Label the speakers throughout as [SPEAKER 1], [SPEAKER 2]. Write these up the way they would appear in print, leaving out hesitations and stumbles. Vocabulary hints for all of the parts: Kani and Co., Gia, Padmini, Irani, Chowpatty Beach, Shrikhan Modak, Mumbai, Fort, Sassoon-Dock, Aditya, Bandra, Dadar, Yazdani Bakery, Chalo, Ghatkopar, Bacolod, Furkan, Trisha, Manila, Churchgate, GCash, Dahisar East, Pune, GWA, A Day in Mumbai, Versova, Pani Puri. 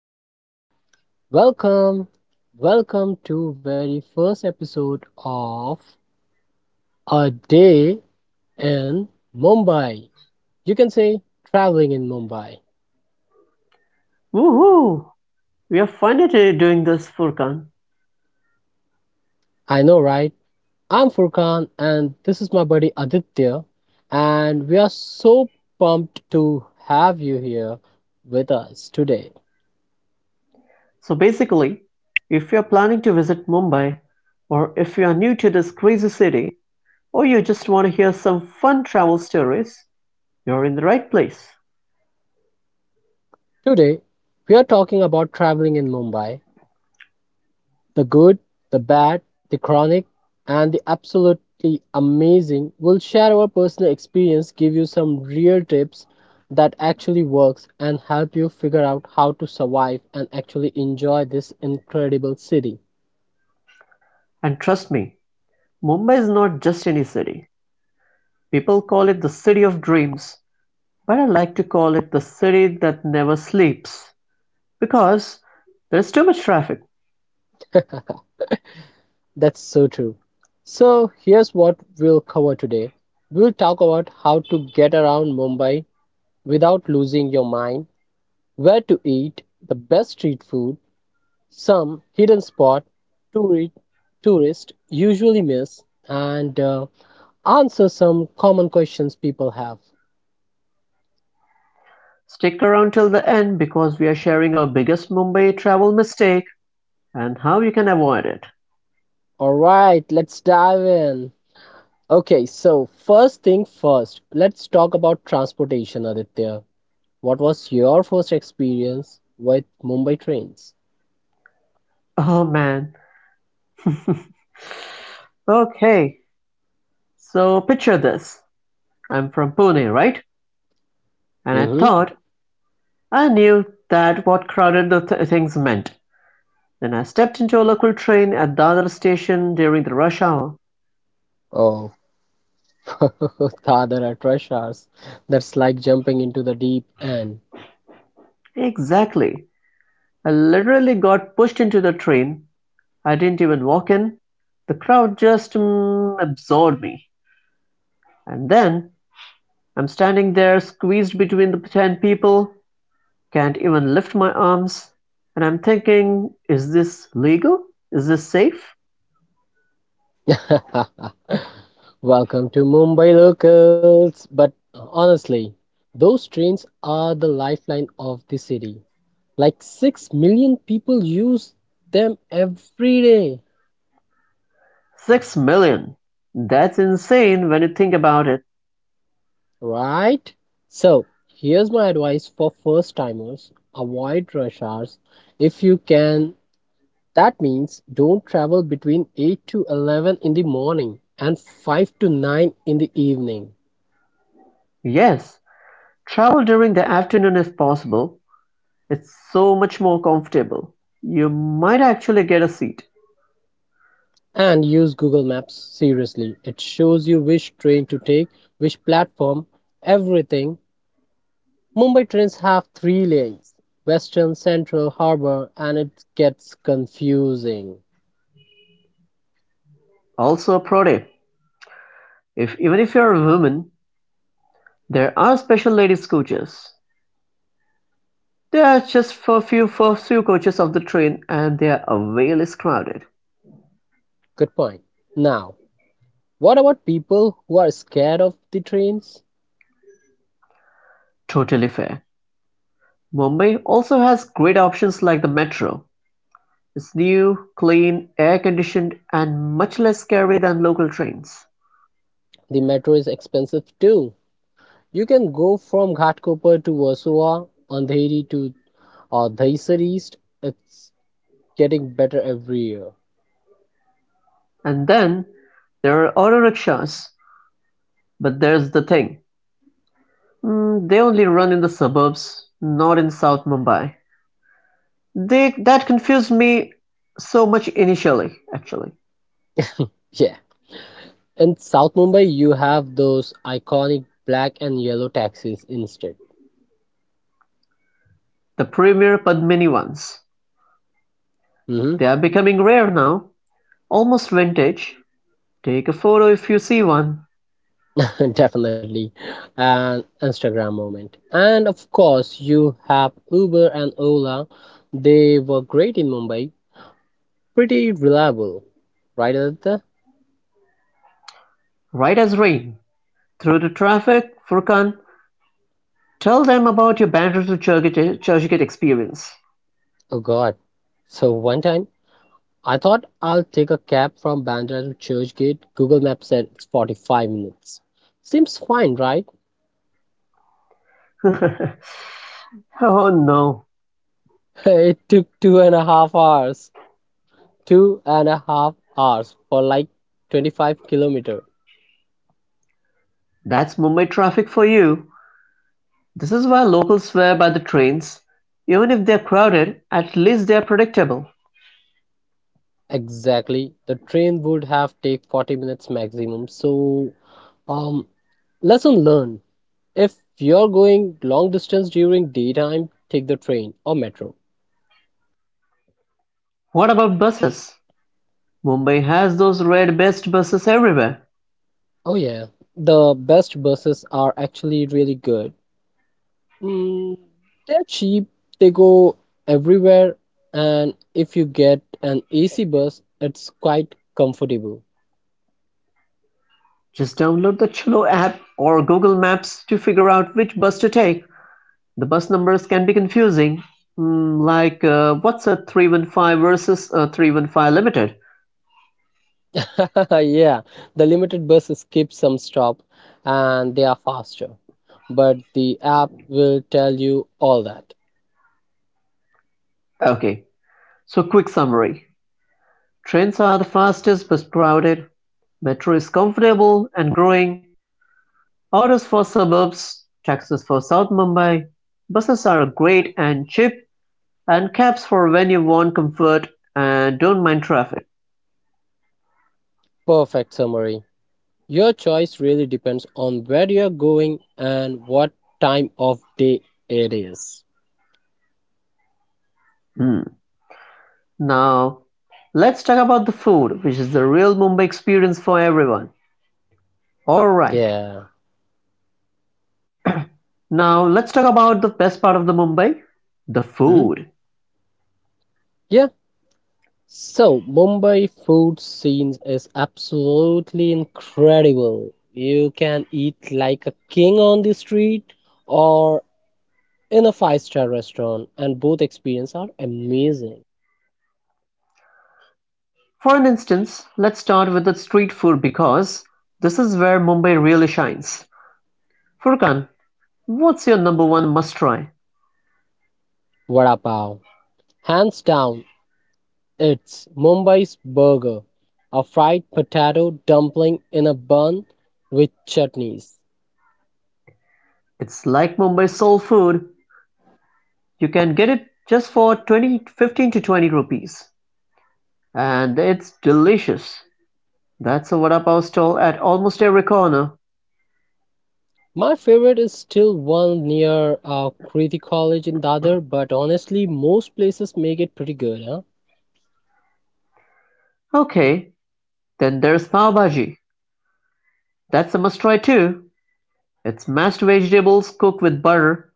[SPEAKER 1] welcome, welcome, welcome to very first episode of A Day in Mumbai. You can say traveling in Mumbai.
[SPEAKER 2] Woohoo! We are finally doing this, Furkan.
[SPEAKER 1] I know, right? I'm Furkan and this is my buddy Aditya and we are so pumped to have you here with us today.
[SPEAKER 2] So basically, if you're planning to visit Mumbai, or if you are new to this crazy city, or you just want to hear some fun travel stories, you're in the right place.
[SPEAKER 1] Today, we are talking about traveling in Mumbai. The good, the bad, the chronic, and the absolutely amazing will share our personal experience, give you some real tips that actually works and help you figure out how to survive and actually enjoy this incredible city.
[SPEAKER 2] And trust me, Mumbai is not just any city. People call it the city of dreams, but I like to call it the city that never sleeps because there's too much traffic.
[SPEAKER 1] That's so true. So, here's what we'll cover today. We'll talk about how to get around Mumbai without losing your mind, where to eat the best street food, some hidden spot touri- tourists usually miss and answer some common questions people have.
[SPEAKER 2] Stick around till the end because we are sharing our biggest Mumbai travel mistake and how you can avoid it.
[SPEAKER 1] All right, let's dive in. Okay, so first thing first, let's talk about transportation, Aditya. What was your first experience with Mumbai trains?
[SPEAKER 2] Oh man. Okay, so picture this. I'm from Pune, right? And I
[SPEAKER 1] Mm-hmm.
[SPEAKER 2] thought I knew that what crowded the things meant. Then I stepped into a local train at Dadar station during the rush hour.
[SPEAKER 1] Oh, the other are trash hours. That's like jumping into the deep end.
[SPEAKER 2] Exactly. I literally got pushed into the train. I didn't even walk in. The crowd just absorbed me. And then I'm standing there squeezed between the 10 people. Can't even lift my arms. And I'm thinking, is this legal? Is this safe?
[SPEAKER 1] Welcome to Mumbai locals. But honestly, those trains are the lifeline of the city. Like 6 million people use them every day,
[SPEAKER 2] 6 million. That's insane when you think about it.
[SPEAKER 1] right? So, here's my advice for first timers avoid rush hours if you can. That means don't travel between 8 to 11 in the morning and 5 to 9 in the evening.
[SPEAKER 2] Yes, travel during the afternoon if possible. It's so much more comfortable. You might actually get a seat.
[SPEAKER 1] And use Google Maps seriously. It shows you which train to take, which platform, everything. Mumbai trains have three lanes: Western, Central, Harbour, and it gets confusing.
[SPEAKER 2] Also a pro tip. If even if you're a woman, there are special ladies coaches. There are just for few coaches of the train and they are way less crowded.
[SPEAKER 1] Good point. Now, what about people who are scared of the trains?
[SPEAKER 2] Totally fair. Mumbai also has great options like the metro; it's new, clean, air-conditioned and much less scary than local trains.
[SPEAKER 1] The metro is expensive too. You can go from Ghatkopar to Warsaw, Andheri to Dahisar East. It's getting better every year.
[SPEAKER 2] And then, there are auto rickshaws, but there's the thing. They only run in the suburbs, not in South Mumbai. They, that confused me so much initially, actually.
[SPEAKER 1] Yeah. In South Mumbai, you have those iconic black and yellow taxis instead.
[SPEAKER 2] The premier Padmini ones.
[SPEAKER 1] Hmm.
[SPEAKER 2] They are becoming rare now, almost vintage. Take a photo if you see one,
[SPEAKER 1] Definitely an Instagram moment. And of course, you have Uber and Ola. They were great in Mumbai, pretty reliable, right, Aditya?
[SPEAKER 2] right as rain. Through the traffic, Furkan, tell them about your banter to Churchgate experience.
[SPEAKER 1] Oh God. So one time, I thought I'll take a cab from Bandra to Churchgate. Google Maps said it's 45 minutes. Seems fine, right?
[SPEAKER 2] Oh no,
[SPEAKER 1] It took 2.5 hours. 2.5 hours for like 25 kilometer.
[SPEAKER 2] that's Mumbai traffic for you. This is why locals swear by the trains. Even if they're crowded, at least they're predictable.
[SPEAKER 1] Exactly. The train would have take 40 minutes maximum. So, um, lesson learned. If you're going long distance during daytime, take the train or metro.
[SPEAKER 2] What about buses? Mumbai has those red best buses everywhere.
[SPEAKER 1] Oh yeah, the best buses are actually really good. Mm, they're cheap, they go everywhere, and if you get an AC bus, it's quite comfortable.
[SPEAKER 2] Just download the Chalo app or Google Maps to figure out which bus to take. The bus numbers can be confusing. Hmm, like, what's a 315 versus a 315 limited?
[SPEAKER 1] Yeah, the limited buses skip some stop and they are faster. But the app will tell you all that.
[SPEAKER 2] Okay, so quick summary. Trains are the fastest but crowded, metro is comfortable and growing, autos for suburbs, taxis for South Mumbai, buses are great and cheap, and cabs for when you want comfort and don't mind traffic.
[SPEAKER 1] Perfect summary. Your choice really depends on where you're going and what time of day it is.
[SPEAKER 2] Hmm. Now, let's talk about the food, which is the real Mumbai experience for everyone. Alright,
[SPEAKER 1] Yeah.
[SPEAKER 2] now let's talk about the best part of the Mumbai, the
[SPEAKER 1] Mhm.
[SPEAKER 2] food.
[SPEAKER 1] Yeah. So, Mumbai food scene is absolutely incredible. You can eat like a king on the street or in a five-star restaurant, and both experiences are amazing.
[SPEAKER 2] For an instance, let's start with the street food because this is where Mumbai really shines. Furkan, what's your number one must-try?
[SPEAKER 1] Vada pav, hands down, it's Mumbai's burger, a fried potato dumpling in a bun with chutneys.
[SPEAKER 2] It's like Mumbai soul food. You can get it just for 20 15 to 20 rupees. And it's delicious. That's a vada pav stall at almost every corner.
[SPEAKER 1] My favorite is still one near Kriti College in Dadar, but honestly, most places make it pretty good, huh?
[SPEAKER 2] Okay, then there's pav bhaji. That's a must-try too. It's mashed vegetables cooked with butter.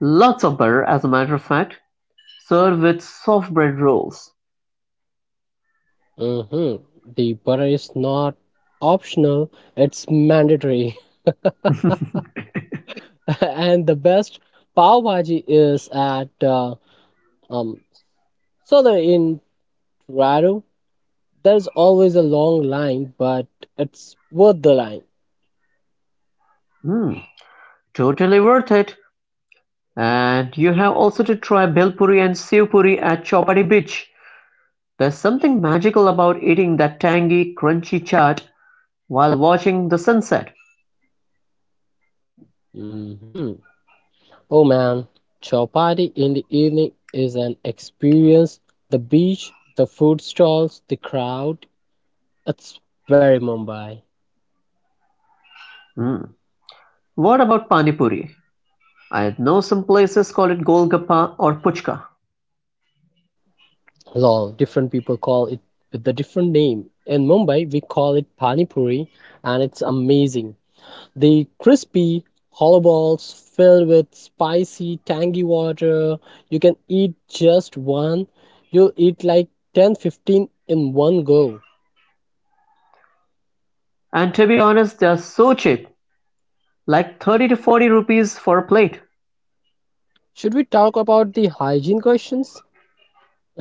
[SPEAKER 2] Lots of butter, as a matter of fact. Served with soft bread rolls.
[SPEAKER 1] Hmm. The butter is not optional, it's mandatory. And the best pav bhaji is at um so the in Toronto. There's always a long line, but it's worth the line.
[SPEAKER 2] Mmm, totally worth it. And you have also to try Bhel Puri and Sev Puri at Chowpatty Beach. There's something magical about eating that tangy, crunchy chaat while watching the sunset.
[SPEAKER 1] Hmm. Oh man, chapati in the evening is an experience. The beach, the food stalls, the crowd. It's very Mumbai.
[SPEAKER 2] Mm. What about pani puri? I know some places call it golgappa or puchka.
[SPEAKER 1] Lol, different people call it with a different name. In Mumbai, we call it Pani Puri, and it's amazing. The crispy hollow balls filled with spicy, tangy water. You can eat just one. You'll eat like 10, 15 in one go.
[SPEAKER 2] And to be honest, they are so cheap, like 30 to 40 rupees for a plate.
[SPEAKER 1] Should we talk about the hygiene questions?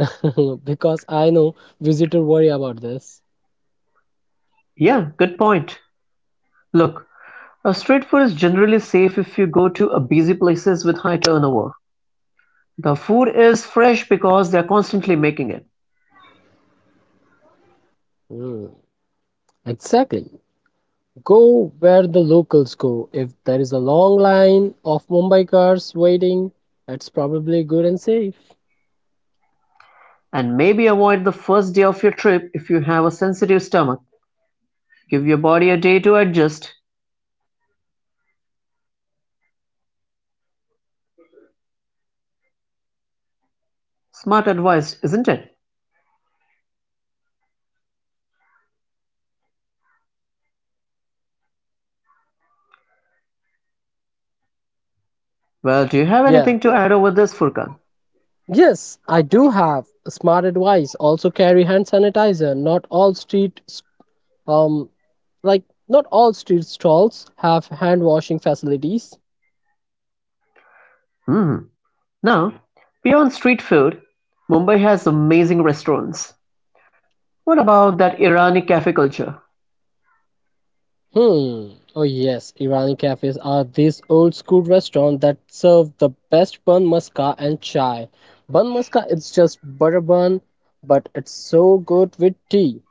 [SPEAKER 1] Because I know visitors worry about this.
[SPEAKER 2] Yeah, good point. Look, a street food is generally safe if you go to a busy places with high turnover. The food is fresh because they are constantly making it.
[SPEAKER 1] Hmm, exactly. Go where the locals go. If there is a long line of Mumbai cars waiting, it's probably good and safe.
[SPEAKER 2] And maybe avoid the first day of your trip if you have a sensitive stomach. Give your body a day to adjust. Smart advice, isn't it? Well, do you have
[SPEAKER 1] Yeah.
[SPEAKER 2] anything to add over this, Furkan?
[SPEAKER 1] Yes, I do have a smart advice. Also carry hand sanitizer. Not all street um like not all street stalls have hand washing facilities.
[SPEAKER 2] Hmm. No. Beyond street food, Mumbai has amazing restaurants. What about that Irani cafe culture?
[SPEAKER 1] Hmm. Oh yes, Irani cafes are these old school restaurants that serve the best bun maska and chai. Bun maska is just butter bun, but it's so good with tea.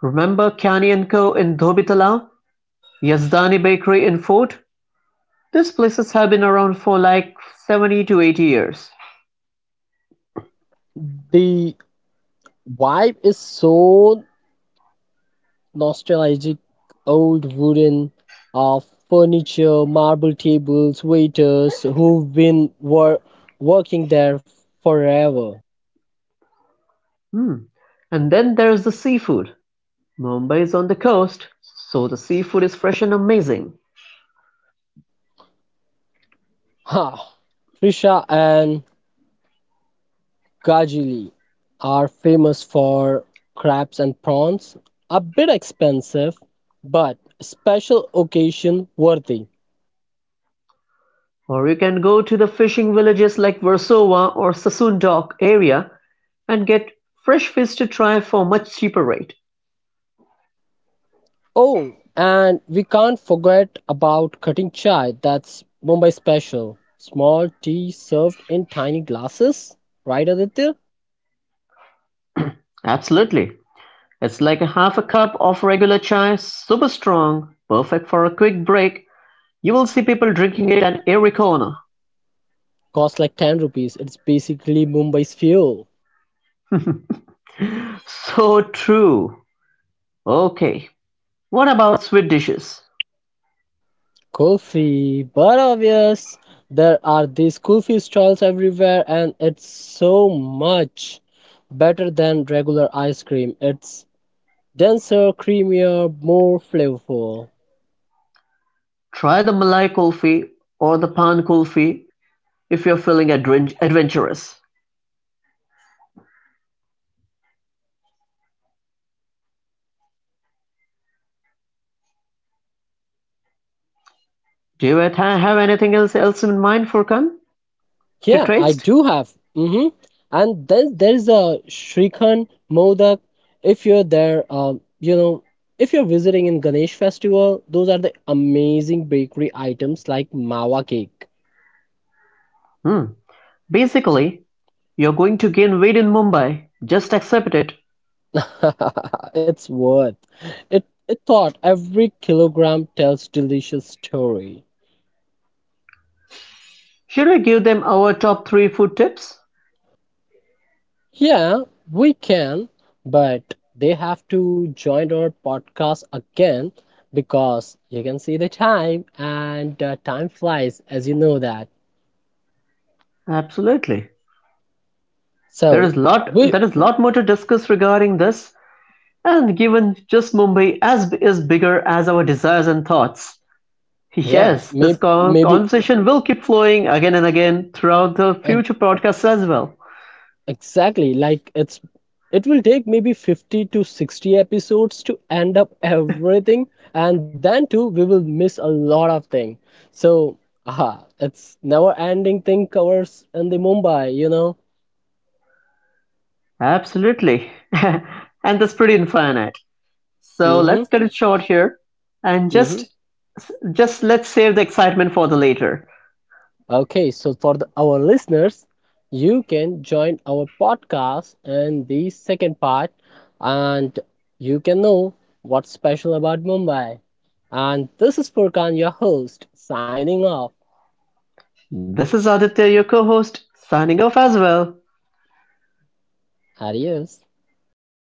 [SPEAKER 2] Remember Kani and Co. in Dhobi Talao? Yazdani Bakery in Fort? These places have been around for like 70 to 80 years.
[SPEAKER 1] The vibe is so nostalgic, old wooden uh, furniture, marble tables, waiters who've been wor- working there forever.
[SPEAKER 2] Hmm. And then there's the seafood. Mumbai is on the coast, so the seafood is fresh and amazing.
[SPEAKER 1] Ha! Trisha and Gajili are famous for crabs and prawns, a bit expensive, but special occasion worthy.
[SPEAKER 2] Or you can go to the fishing villages like Versova or Sassoon-Dock area and get fresh fish to try for a much cheaper rate.
[SPEAKER 1] Oh, and we can't forget about cutting chai, that's Mumbai special. Small tea served in tiny glasses, right, Aditya?
[SPEAKER 2] Absolutely. It's like a half a cup of regular chai, super strong, perfect for a quick break. You will see people drinking it at every corner.
[SPEAKER 1] Costs like 10 rupees. It's basically Mumbai's fuel.
[SPEAKER 2] So true. Okay. What about sweet dishes?
[SPEAKER 1] Coffee, but obvious. There are these coffee stalls everywhere, and it's so much better than regular ice cream. It's denser, creamier, more flavorful.
[SPEAKER 2] Try the Malai Kulfi or the Pan Kulfi if you're feeling adventurous. Do you have anything else in mind, Furkan, to
[SPEAKER 1] Yeah, I
[SPEAKER 2] taste?
[SPEAKER 1] do have. Mm-hmm. And then there's a Shrikhan Modak. If you're there, you know, if you're visiting in Ganesh Festival, those are the amazing bakery items like mawa cake.
[SPEAKER 2] Hmm. Basically, you're going to gain weight in Mumbai, just accept it.
[SPEAKER 1] It's worth it. It thought every kilogram tells delicious story.
[SPEAKER 2] Should we give them our top three food tips?
[SPEAKER 1] Yeah, we can, but they have to join our podcast again because you can see the time and time flies as you know that.
[SPEAKER 2] Absolutely. There
[SPEAKER 1] So
[SPEAKER 2] is lot
[SPEAKER 1] we
[SPEAKER 2] there is lot more to discuss regarding this, and given just Mumbai as is bigger as our desires and thoughts.
[SPEAKER 1] yeah,
[SPEAKER 2] Yes, this
[SPEAKER 1] may, maybe
[SPEAKER 2] conversation will keep flowing again and again throughout the
[SPEAKER 1] at
[SPEAKER 2] future podcasts as well.
[SPEAKER 1] Exactly. Like it will take maybe 50 to 60 episodes to end up everything and then too we will miss a lot of thing. So, aha, it's never ending thing covers in the Mumbai, you know.
[SPEAKER 2] Absolutely. And that's pretty infinite. So
[SPEAKER 1] Mhm.
[SPEAKER 2] let's cut it short here and
[SPEAKER 1] Mhm.
[SPEAKER 2] just let's save the excitement for the later.
[SPEAKER 1] Okay, so for our listeners, you can join our podcast in the second part and you can know what's special about Mumbai. And this is Furkan, your host, signing off.
[SPEAKER 2] This is Aditya, your co-host, signing off as well.
[SPEAKER 1] Adios.